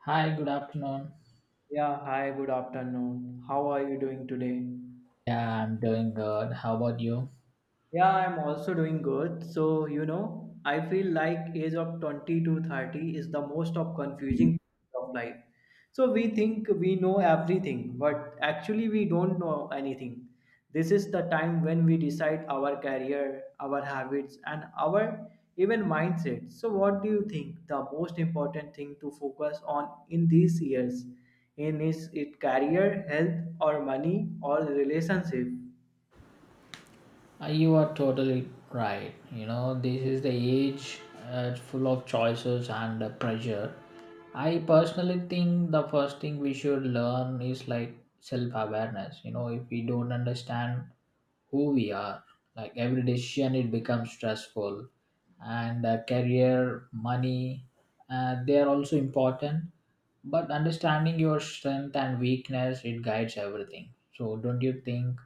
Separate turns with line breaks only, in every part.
Hi, good afternoon.
Yeah, hi, good afternoon. How are you doing today?
Yeah, I'm doing good. How about you?
Yeah, I'm also doing good. So, you know, I feel like age of 20 to 30 is the most of confusing of life. So we think we know everything, but actually we don't know anything. This is the time when we decide our career, our habits, and our even mindset. So what do you think the most important thing to focus on in these years? In is it career, health, or money, or relationship?
You are totally right. You know, this is the age full of choices and pressure. I personally think the first thing we should learn is like self awareness. You know, if we don't understand who we are, like every decision, it becomes stressful. And career, money, they are also important. But understanding your strength and weakness, it guides everything. So, don't you think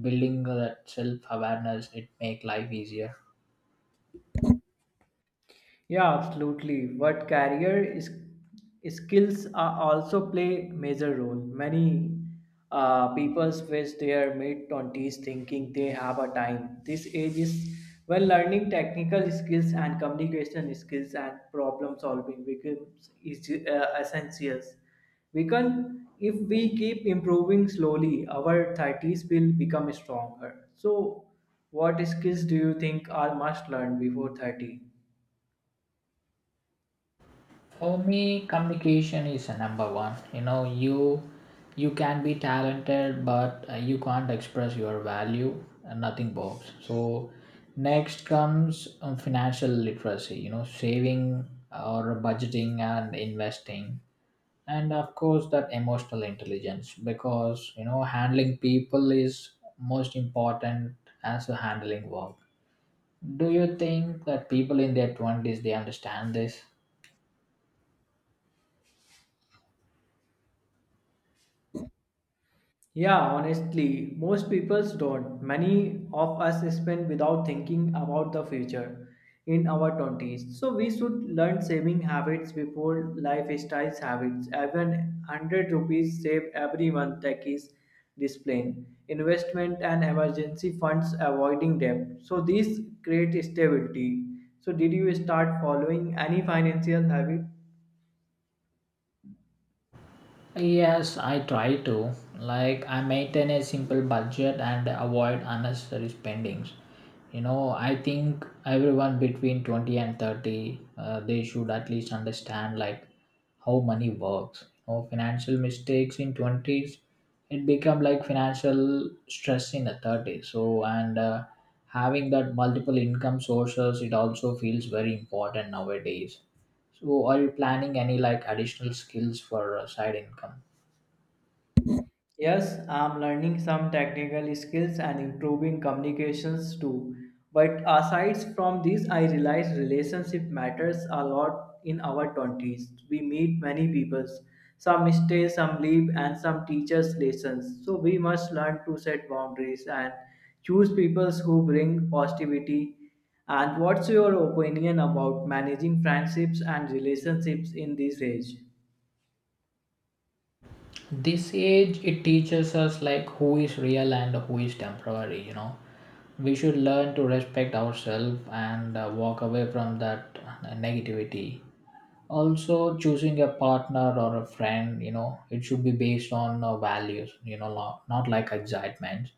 building that self-awareness it make life easier?
Yeah, absolutely. But career is, skills are also play major role. Many people face their mid twenties thinking they have a time. This age is when learning technical skills and communication skills and problem solving becomes is, essentials. We can, if we keep improving slowly, our thirties will become stronger. So, what skills do you think are must learn before 30?
For me, communication is a number one. You know, you can be talented, but you can't express your value and nothing works. So next comes financial literacy, you know, saving or budgeting and investing, and of course that emotional intelligence, because you know, handling people is most important as a handling work. Do you think that people in their 20s they understand this?
Yeah, honestly, most people don't. Many of us spend without thinking about the future in our 20s. So we should learn saving habits before lifestyle habits. Even 100 rupees save every month that is discipline, investment and emergency funds avoiding debt. So these create stability. So did you start following any financial habit?
Yes, I try to. Like I maintain a simple budget and avoid unnecessary spendings. You know, I think everyone between 20 and 30, they should at least understand like how money works. You know, financial mistakes in 20s it become like financial stress in the 30s. So and having that multiple income sources it also feels very important nowadays. So, are you planning any like additional skills for side income?
Yes, I'm learning some technical skills and improving communications too. But aside from these, I realize relationship matters a lot in our 20s. We meet many people. Some stay, some leave, and some teach us lessons. So we must learn to set boundaries and choose people who bring positivity. And what's your opinion about managing friendships and relationships in this age?
This age, it teaches us like who is real and who is temporary, you know. We should learn to respect ourselves and walk away from that negativity. Also, choosing a partner or a friend, you know, it should be based on values, you know, not like excitement.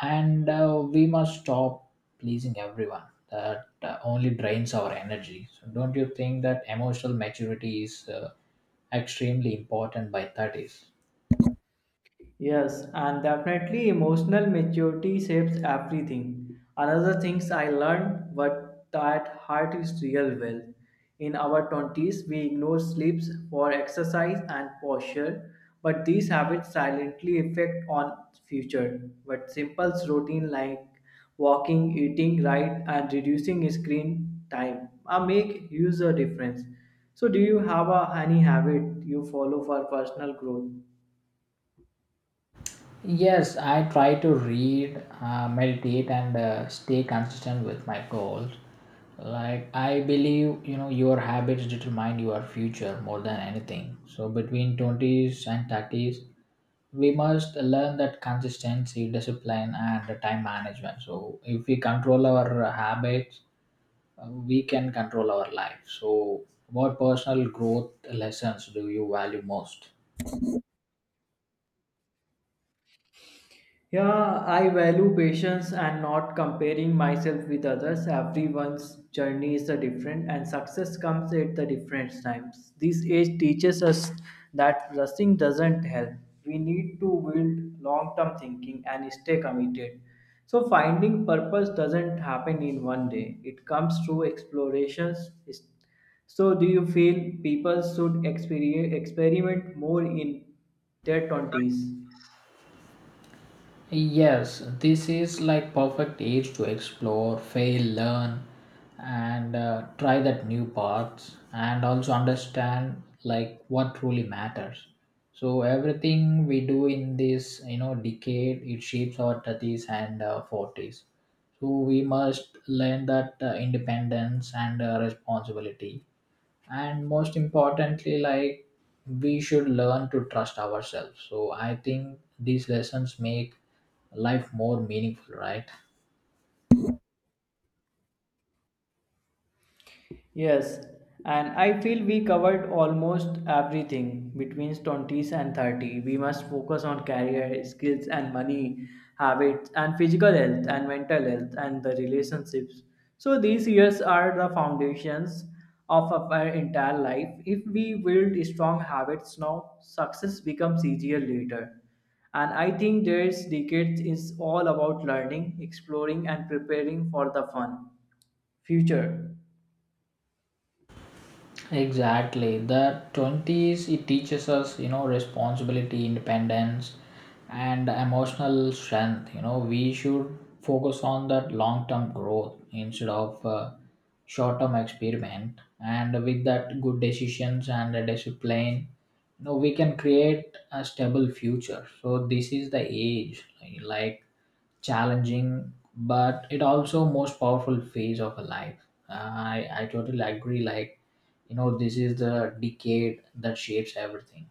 And we must stop pleasing everyone, that only drains our energy. So don't you think that emotional maturity is extremely important by 30s?
Yes, and definitely emotional maturity shapes everything. Another things I learned but that heart is real well. In our 20s, we ignore sleeps for exercise and posture, but these habits silently affect on future. But simple routine like walking, eating right, and reducing screen time make huge a difference. So, do you have any habit you follow for personal growth?
Yes, I try to read, meditate, and stay consistent with my goals. Like, I believe, you know, your habits determine your future more than anything. So, between 20s and 30s, we must learn that consistency, discipline, and the time management. So, if we control our habits, we can control our life. So, what personal growth lessons do you value most?
Yeah, I value patience and not comparing myself with others. Everyone's journey is a different, and success comes at the different times. This age teaches us that rushing doesn't help. We need to build long term thinking and stay committed. So, finding purpose doesn't happen in one day, it comes through explorations. So, do you feel people should experiment more in their 20s?
Yes, this is like perfect age to explore, fail, learn, and try that new paths, and also understand like what truly matters. So everything we do in this, you know, decade, it shapes our thirties and forties. So we must learn that independence and responsibility, and most importantly, like we should learn to trust ourselves. So I think these lessons make life more meaningful, right?
Yes, and I feel we covered almost everything between 20s and 30. We must focus on career, skills, and money, habits, and physical health, and mental health, and the relationships. So, these years are the foundations of our entire life. If we build strong habits now, success becomes easier later. And I think this decade is all about learning, exploring, and preparing for the fun future.
Exactly. The 20s, it teaches us, you know, responsibility, independence, and emotional strength. You know, we should focus on that long term growth instead of short term experiment. And with that good decisions and a discipline, you know, we can create a stable future. So, this is the age, like challenging, but it also most powerful phase of a life. I totally agree. Like, you know, this is the decade that shapes everything.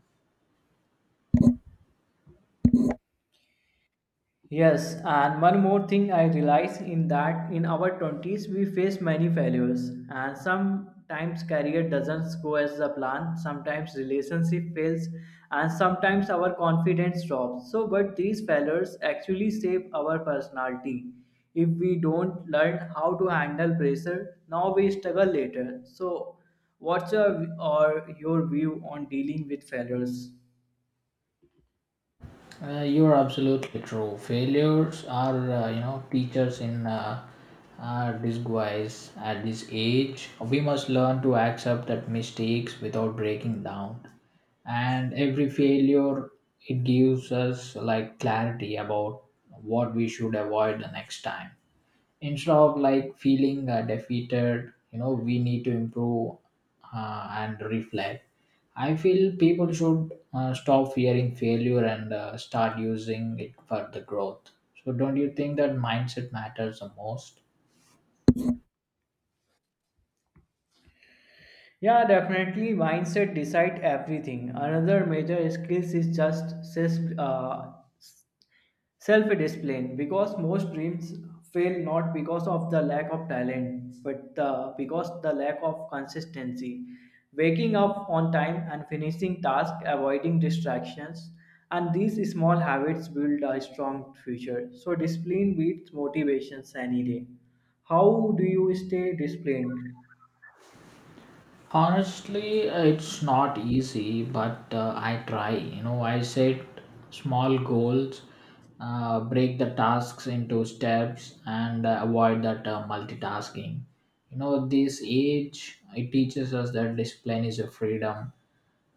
Yes, and one more thing I realize in that in our 20s we face many failures and sometimes career doesn't go as the plan, sometimes relationship fails and sometimes our confidence drops. So but these failures actually shape our personality. If we don't learn how to handle pressure, now we struggle later. So what's your or your view on dealing with failures?
You're absolutely true, failures are, you know, teachers in disguise. At this age we must learn to accept that mistakes without breaking down, and every failure it gives us like clarity about what we should avoid the next time, instead of like feeling defeated. You know, we need to improve and reflect. I feel people should stop fearing failure and start using it for the growth. So don't you think that mindset matters the most?
Yeah, definitely. Mindset decide everything. Another major skills is just self uh, self discipline because most dreams fail not because of the lack of talent but because the lack of consistency waking up on time and finishing tasks avoiding distractions and these small habits build a strong future so discipline beats motivations any day how do you stay disciplined.
Honestly, it's not easy, but I try. You know, I set small goals, break the tasks into steps, and avoid that multitasking. You know, this age it teaches us that discipline is a freedom,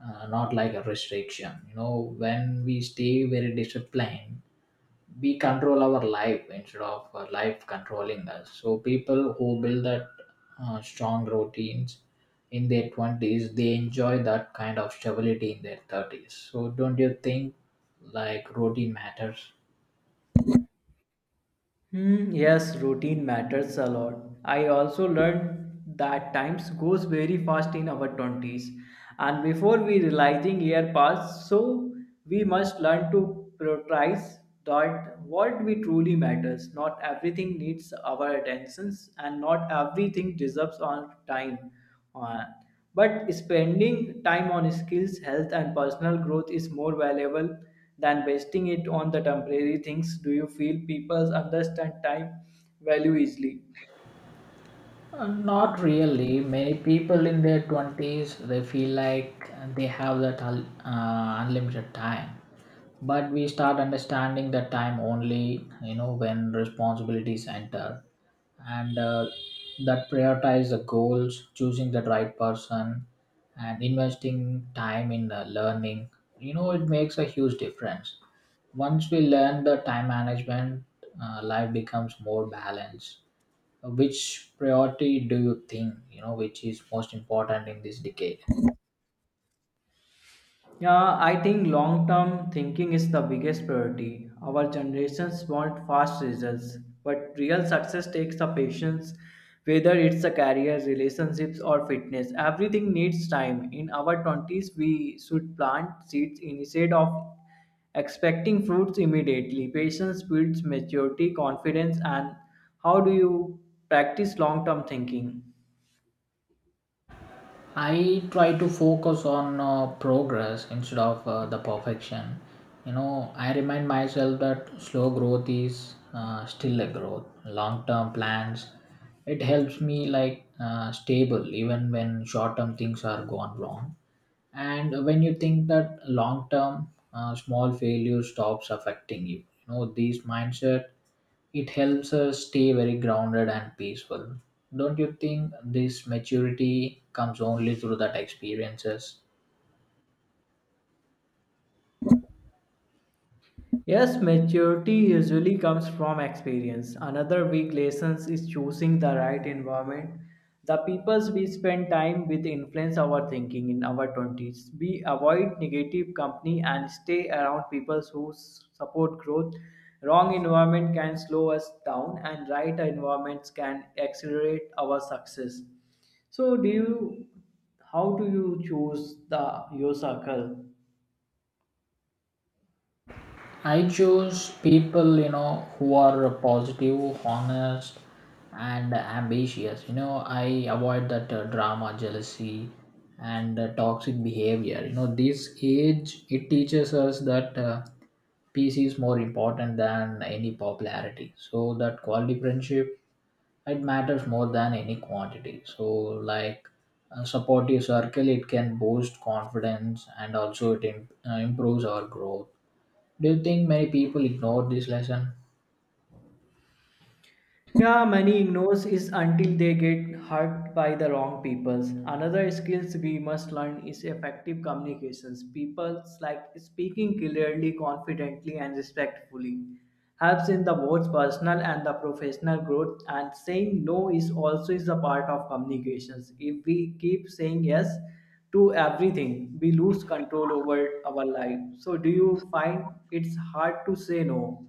not like a restriction. You know, when we stay very disciplined, we control our life instead of life controlling us. So people who build that strong routines in their 20s they enjoy that kind of stability in their 30s. So don't you think like routine matters?
Hmm, yes, routine matters a lot. I also learned that times goes very fast in our 20s and before we realizing year pass so we must learn to prioritize that what we truly matters not everything needs our attentions and not everything deserves our time uh, but spending time on skills, health, and personal growth is more valuable than wasting it on the temporary things. Do you feel people understand time value easily?
Not really. Many people in their 20s they feel like they have that unlimited time. But we start understanding that time only, you know, when responsibilities enter, and that prioritize the goals, choosing the right person, and investing time in learning. You know, it makes a huge difference. Once we learn the time management, life becomes more balanced. Which priority do you think, you know, which is most important in this decade?
Yeah, I think long term thinking is the biggest priority. Our generations want fast results, but real success takes the patience, whether it's a career, relationships, or fitness. Everything needs time. In our 20s, we should plant seeds instead of expecting fruits immediately. Patience builds maturity, confidence, and how do you practice long term thinking?
I try to focus on progress instead of the perfection. You know, I remind myself that slow growth is still a growth. Long term plans, it helps me like stable even when short term things are gone wrong. And when you think that long term, small failure stops affecting you. You know, this mindset, it helps us stay very grounded and peaceful. Don't you think this maturity comes only through that experiences?
Yes, maturity usually comes from experience. Another big lesson is choosing the right environment. The people we spend time with influence our thinking in our 20s. We avoid negative company and stay around people who support growth. Wrong environment can slow us down, and right environments can accelerate our success. So, do you? How do you choose the your circle?
I choose people, you know, who are positive, honest, and ambitious. You know, I avoid that drama, jealousy, and toxic behavior. You know, this age it teaches us that peace is more important than any popularity. So that quality friendship it matters more than any quantity. So like support your circle it can boost confidence, and also it improves our growth. Do you think many people ignore this lesson?
Yeah, money ignores is until they get hurt by the wrong peoples. Another skills we must learn is effective communications. People like speaking clearly, confidently, and respectfully helps in the both personal and the professional growth. And saying no is also is a part of communications. If we keep saying yes to everything, we lose control over our life. So, do you find it's hard to say no?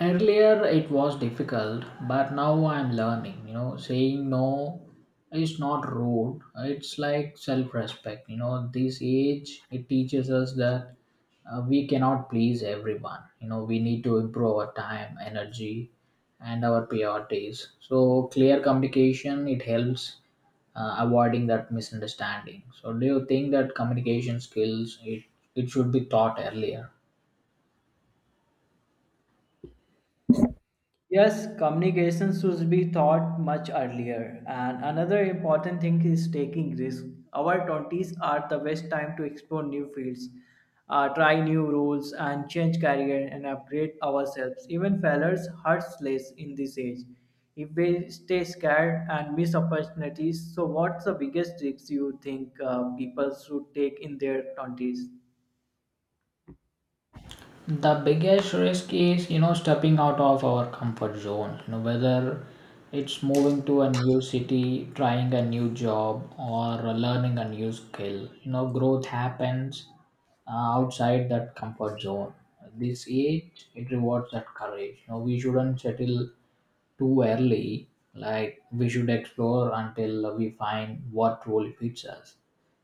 Earlier it was difficult, but now I'm learning. You know, saying no is not rude, it's like self-respect. You know, this age it teaches us that we cannot please everyone. You know, we need to improve our time, energy, and our priorities. So clear communication it helps avoiding that misunderstanding. So do you think that communication skills it should be taught earlier?
Yes, communication should be thought much earlier. And another important thing is taking risk. Our 20s are the best time to explore new fields, try new roles, and change career and upgrade ourselves. Even failures hurts less in this age. If we stay scared and miss opportunities, so what's the biggest risks you think people should take in their 20s?
The biggest risk is, you know, stepping out of our comfort zone, you know, whether it's moving to a new city, trying a new job, or learning a new skill. You know, growth happens outside that comfort zone. This age it rewards that courage. You know, we shouldn't settle too early, like we should explore until we find what role fits us.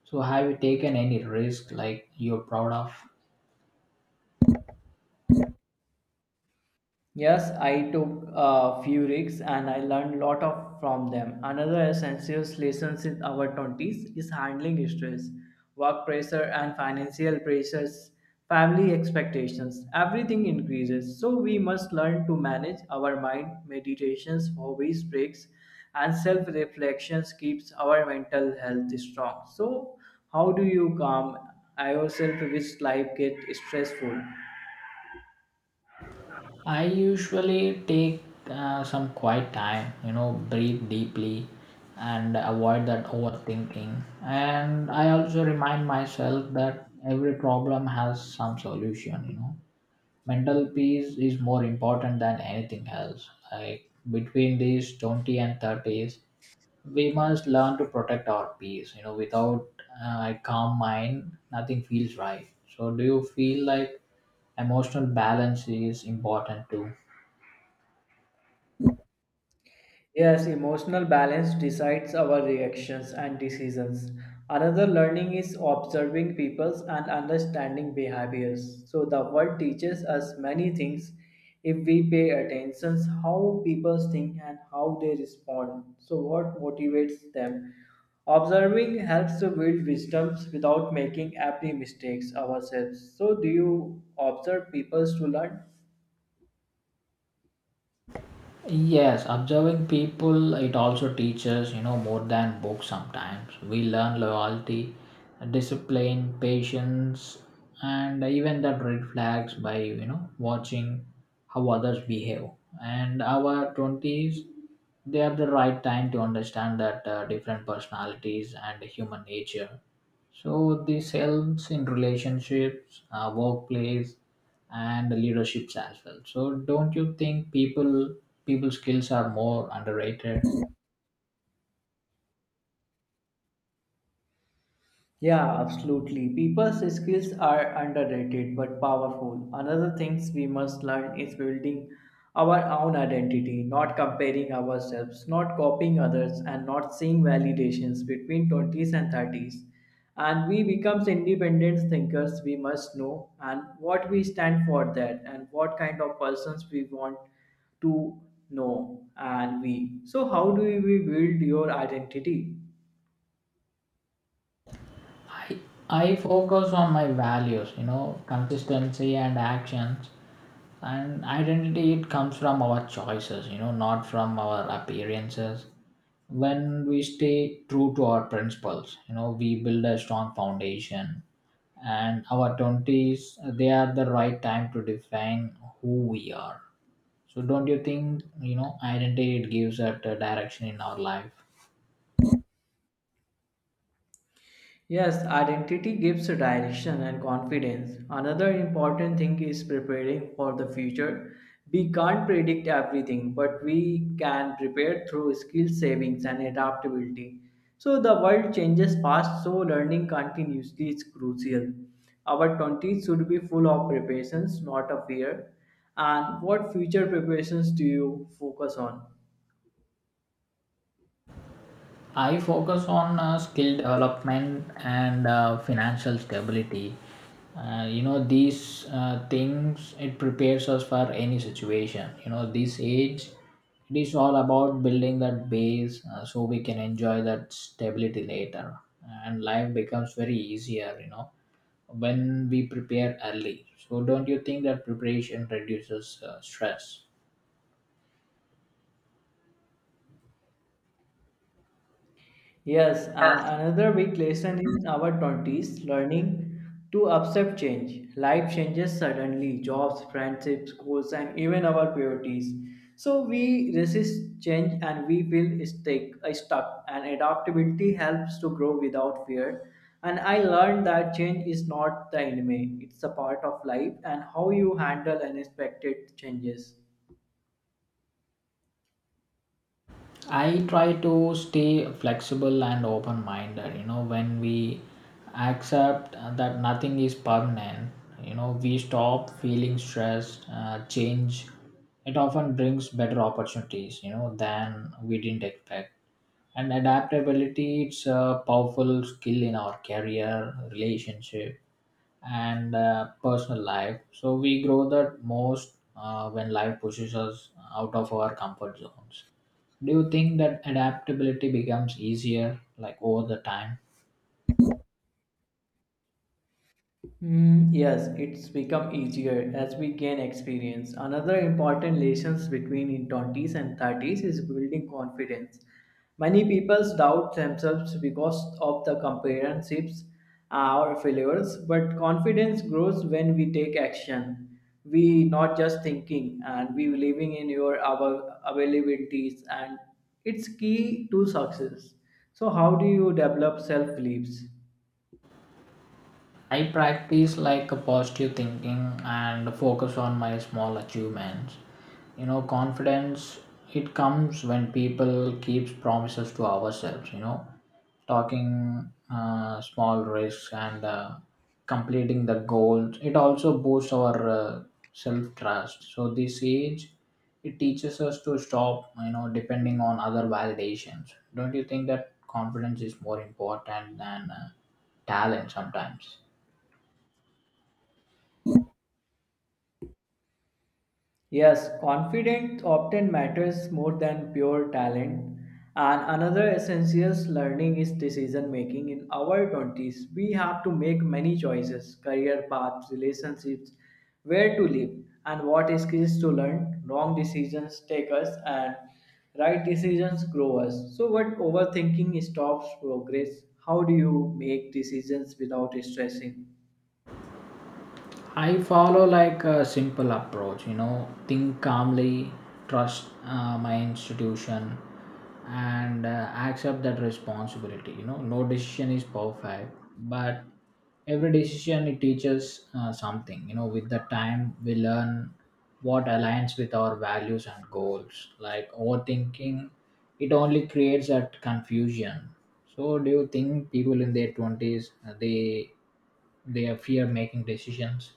So have you taken any risk like you're proud of?
Yes, I took a few risks and I learned a lot of from them. Another essential lesson in our 20s is handling stress, work pressure and financial pressures, family expectations. Everything increases, so we must learn to manage our mind. Meditations, hobbies, breaks and self-reflections keeps our mental health strong. So, how do you calm yourself which life gets stressful?
I usually take some quiet time, you know, breathe deeply and avoid that overthinking. And I also remind myself that every problem has some solution, you know. Mental peace is more important than anything else. Like between these 20 and 30s, we must learn to protect our peace, you know, without a calm mind, nothing feels right. So, do you feel like emotional balance is important too?
Yes, emotional balance decides our reactions and decisions. Another learning is observing people's and understanding behaviors. So the world teaches us many things if we pay attention how people think and how they respond. So what motivates them? Observing helps to build wisdoms without making every mistakes ourselves. So do you observe people to learn?
Yes, observing people it also teaches, you know, more than books sometimes. We learn loyalty, discipline, patience, and even that red flags by, you know, watching how others behave. And our 20s, they are the right time to understand that different personalities and human nature. So this helps in relationships, workplace, and leaderships as well. So don't you think people skills are more underrated?
Yeah, absolutely. People's skills are underrated but powerful. Another things we must learn is building our own identity, not comparing ourselves, not copying others, and not seeing validations between 20s and 30s. And we becomes independent thinkers, we must know and what we stand for that and what kind of persons we want to know and we. So how do we build your identity?
I, I focus on my values, you know, consistency and actions. And identity, it comes from our choices, you know, not from our appearances. When we stay true to our principles, you know, we build a strong foundation. And our 20s, they are the right time to define who we are. So, don't you think, you know, identity, it gives us a direction in our life?
Yes, identity gives direction and confidence. Another important thing is preparing for the future. We can't predict everything, but we can prepare through skill savings and adaptability. So the world changes fast, so learning continuously is crucial. Our 20s should be full of preparations, not of fear. And what future preparations do you focus on?
I focus on skill development and financial stability. You know, these things it prepares us for any situation. You know, this age, it is all about building that base so we can enjoy that stability later, and life becomes very easier. You know, when we prepare early. So don't you think that preparation reduces stress?
Yes, and another big lesson in our 20s learning to accept change. Life changes suddenly, jobs, friendships, goals, and even our priorities. So we resist change and we feel stuck. And adaptability helps to grow without fear. And I learned that change is not the enemy, it's a part of life and how you handle unexpected changes.
I try to stay flexible and open minded. You know, when we accept that nothing is permanent, you know, we stop feeling stressed, change. It often brings better opportunities, you know, than we didn't expect. And adaptability, it's a powerful skill in our career, relationship, and personal life. So we grow the most when life pushes us out of our comfort zones. Do you think that adaptability becomes easier like over the time?
Mm, yes, it's become easier as we gain experience. Another important lessons between in 20s and 30s is building confidence. Many people doubt themselves because of the comparationships or failures, but confidence grows when we take action. We not just thinking and we believing in your our availabilities and it's key to success. So how do you develop self beliefs?
I practice like a positive thinking and focus on my small achievements. You know, confidence it comes when people keeps promises to ourselves. You know, talking small risks and completing the goals. It also boosts our self trust. So this age, it teaches us to stop. You know, depending on other validations. Don't you think that confidence is more important than talent sometimes?
Yes, confidence often matters more than pure talent. And another essential learning is decision making. In our 20s, we have to make many choices career paths, relationships, where to live, and what skills to learn. Wrong decisions take us, and right decisions grow us. So, what overthinking stops progress? How do you make decisions without stressing?
I follow like a simple approach, you know, think calmly, trust my institution, and accept that responsibility. You know, no decision is perfect, but every decision it teaches something. You know, with the time we learn what aligns with our values and goals. Like overthinking, it only creates that confusion. So, do you think people in their twenties they fear making decisions?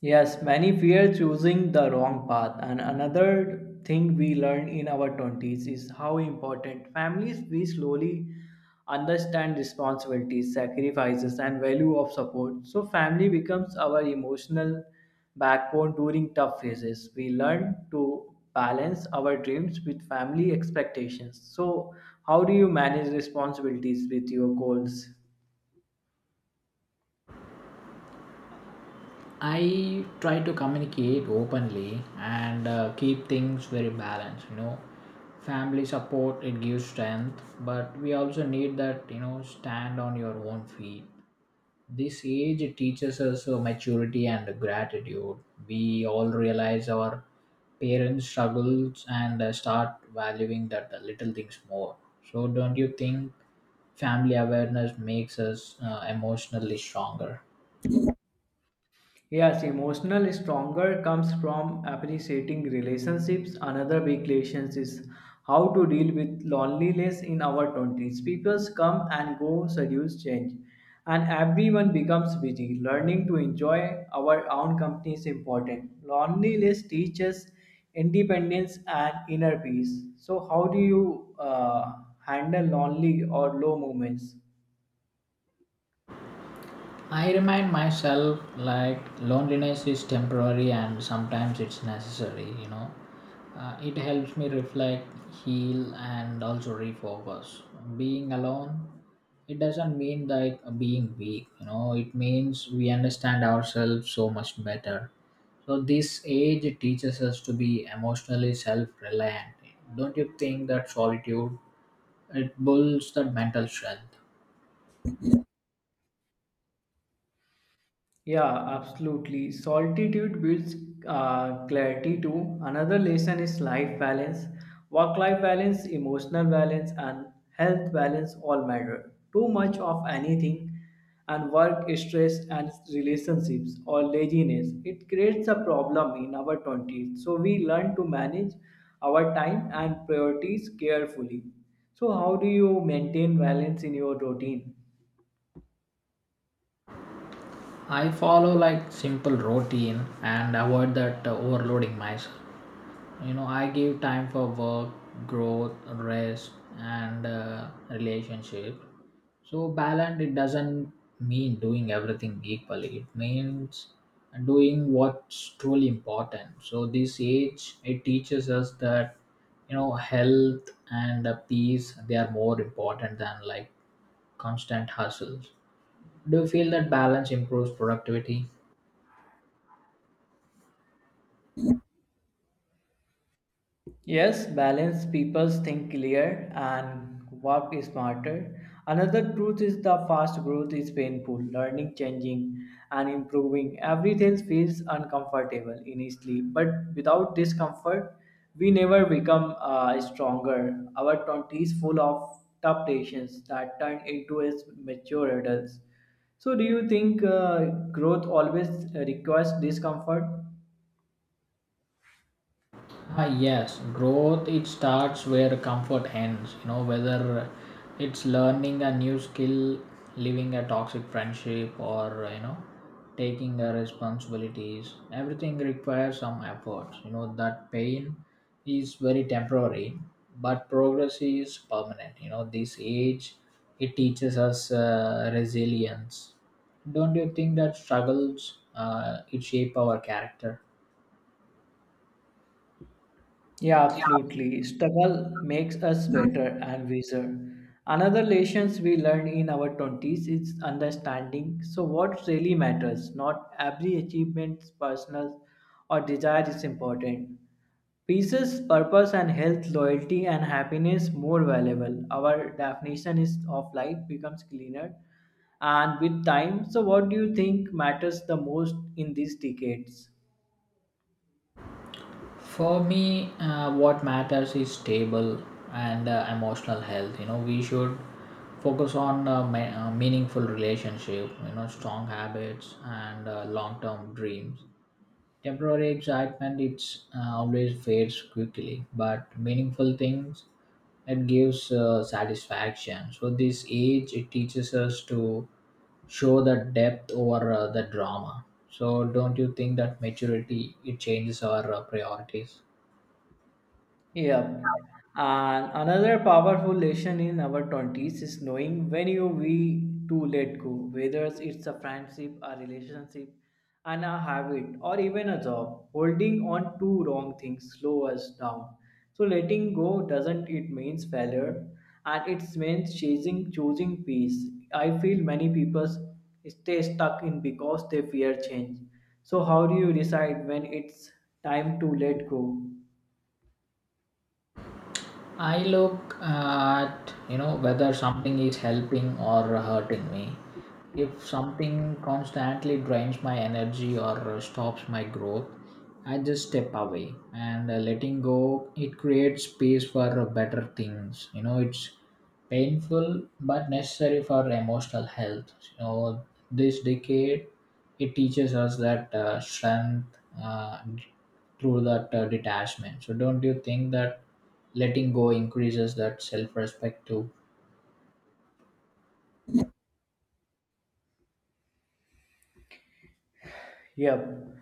Yes, many fear choosing the wrong path. And another thing we learn in our 20s is how important families we slowly understand responsibilities, sacrifices, and value of support. So, family becomes our emotional backbone during tough phases. We learn to balance our dreams with family expectations. So, how do you manage responsibilities with your goals?
I try to communicate openly and keep things very balanced. You know, family support it gives strength, but we also need that, you know, stand on your own feet. This age it teaches us maturity and gratitude. We all realize our parents' struggles and start valuing that little things more. So, don't you think family awareness makes us emotionally stronger?
Yes, emotional stronger comes from appreciating relationships. Another big lesson is how to deal with loneliness in our 20s. People come and go, seduce change, and everyone becomes busy. Learning to enjoy our own company is important. Loneliness teaches independence and inner peace. So, how do you handle lonely or low moments?
I remind myself like loneliness is temporary and sometimes it's necessary, you know. It helps me reflect, heal, and also refocus. Being alone, it doesn't mean like being weak, you know, it means we understand ourselves so much better. So, this age teaches us to be emotionally self reliant. Don't you think that solitude? It builds that mental strength.
Yeah, absolutely. Solitude builds clarity too. Another lesson is life balance. Work life balance, emotional balance, and health balance all matter. Too much of anything and work stress and relationships or laziness it creates a problem in our 20s so we learn to manage our time and priorities carefully so how do you maintain balance in your routine.
I follow like simple routine and avoid that overloading myself. You know, I give time for work, growth, rest, and relationship. So balance it doesn't mean doing everything equally. It means doing what's truly important. So this age it teaches us that, you know, health and peace they are more important than like constant hustles. Do you feel that balance improves productivity?
Yes, balanced people think clear and work smarter. Another truth is the fast growth is painful. Learning, changing, and improving everything feels uncomfortable initially, but without discomfort, we never become stronger. Our twenties full of tough patience that turn into as mature adults. So, do you think growth always requires discomfort?
Ah, yes, growth it starts where comfort ends. You know, whether it's learning a new skill, leaving a toxic friendship, or, you know, taking the responsibilities. Everything requires some efforts. You know, that pain is very temporary, but progress is permanent. You know, this age it teaches us resilience. Don't you think that struggles it shape our character?
Yeah, absolutely. Struggle makes us better and wiser. Another lessons we learn in our 20s is understanding. So, what really matters, not every achievement, personal or desire is important. Pieces, purpose, and health, loyalty, and happiness more valuable. Our definition is of life becomes cleaner, and with time. So, what do you think matters the most in these decades?
For me, what matters is stable and emotional health. You know, we should focus on meaningful relationship. You know, strong habits and long-term dreams. Temporary excitement it's always fades quickly, but meaningful things it gives satisfaction. So this age it teaches us to show the depth over the drama. So don't you think that maturity it changes our priorities?
Yep. And another powerful lesson in our 20s is knowing when you we to let go, whether it's a friendship, a relationship, and a habit, or even a job. Holding on to wrong things slow us down. So letting go doesn't it means failure, and it means chasing choosing peace. I feel many people stay stuck in because they fear change. So how do you decide when it's time to let go?
I look at, you know, whether something is helping or hurting me. If something constantly drains my energy or stops my growth, I just step away and letting go. It creates space for better things. You know, it's painful but necessary for emotional health. You know, this decade it teaches us that strength, through that detachment. So don't you think that letting go increases that self-respect too?
Yep.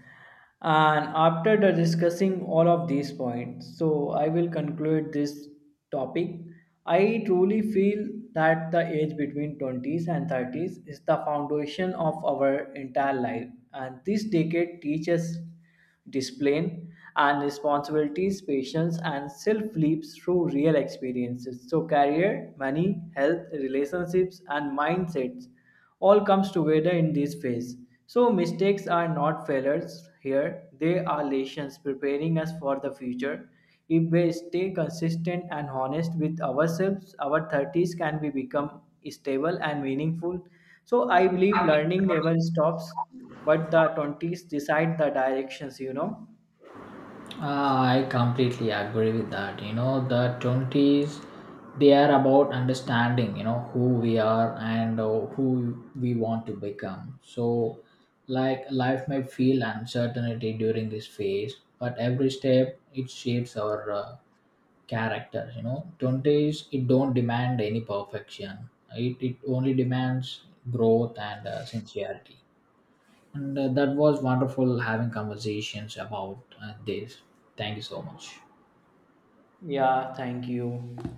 And after the discussing all of these points, so I will conclude this topic. I truly feel that the age between 20s and 30s is the foundation of our entire life, and this decade teaches discipline and responsibilities, patience, and self leaps through real experiences. So, career, money, health, relationships, and mindsets all comes together in this phase. So, mistakes are not failures here; they are lessons preparing us for the future. If we stay consistent and honest with ourselves, our 30s can be become stable and meaningful. So, I believe learning never stops but the 20s decide the directions, you know?
I completely agree with that. You know, the 20s, they are about understanding, you know, who we are and who we want to become. So, like, life may feel uncertainty during this phase, but every step it shapes our character. You know, 20s, it don't demand any perfection, it only demands growth and sincerity. And that was wonderful having conversations about this. Thank you so much.
Yeah, thank you.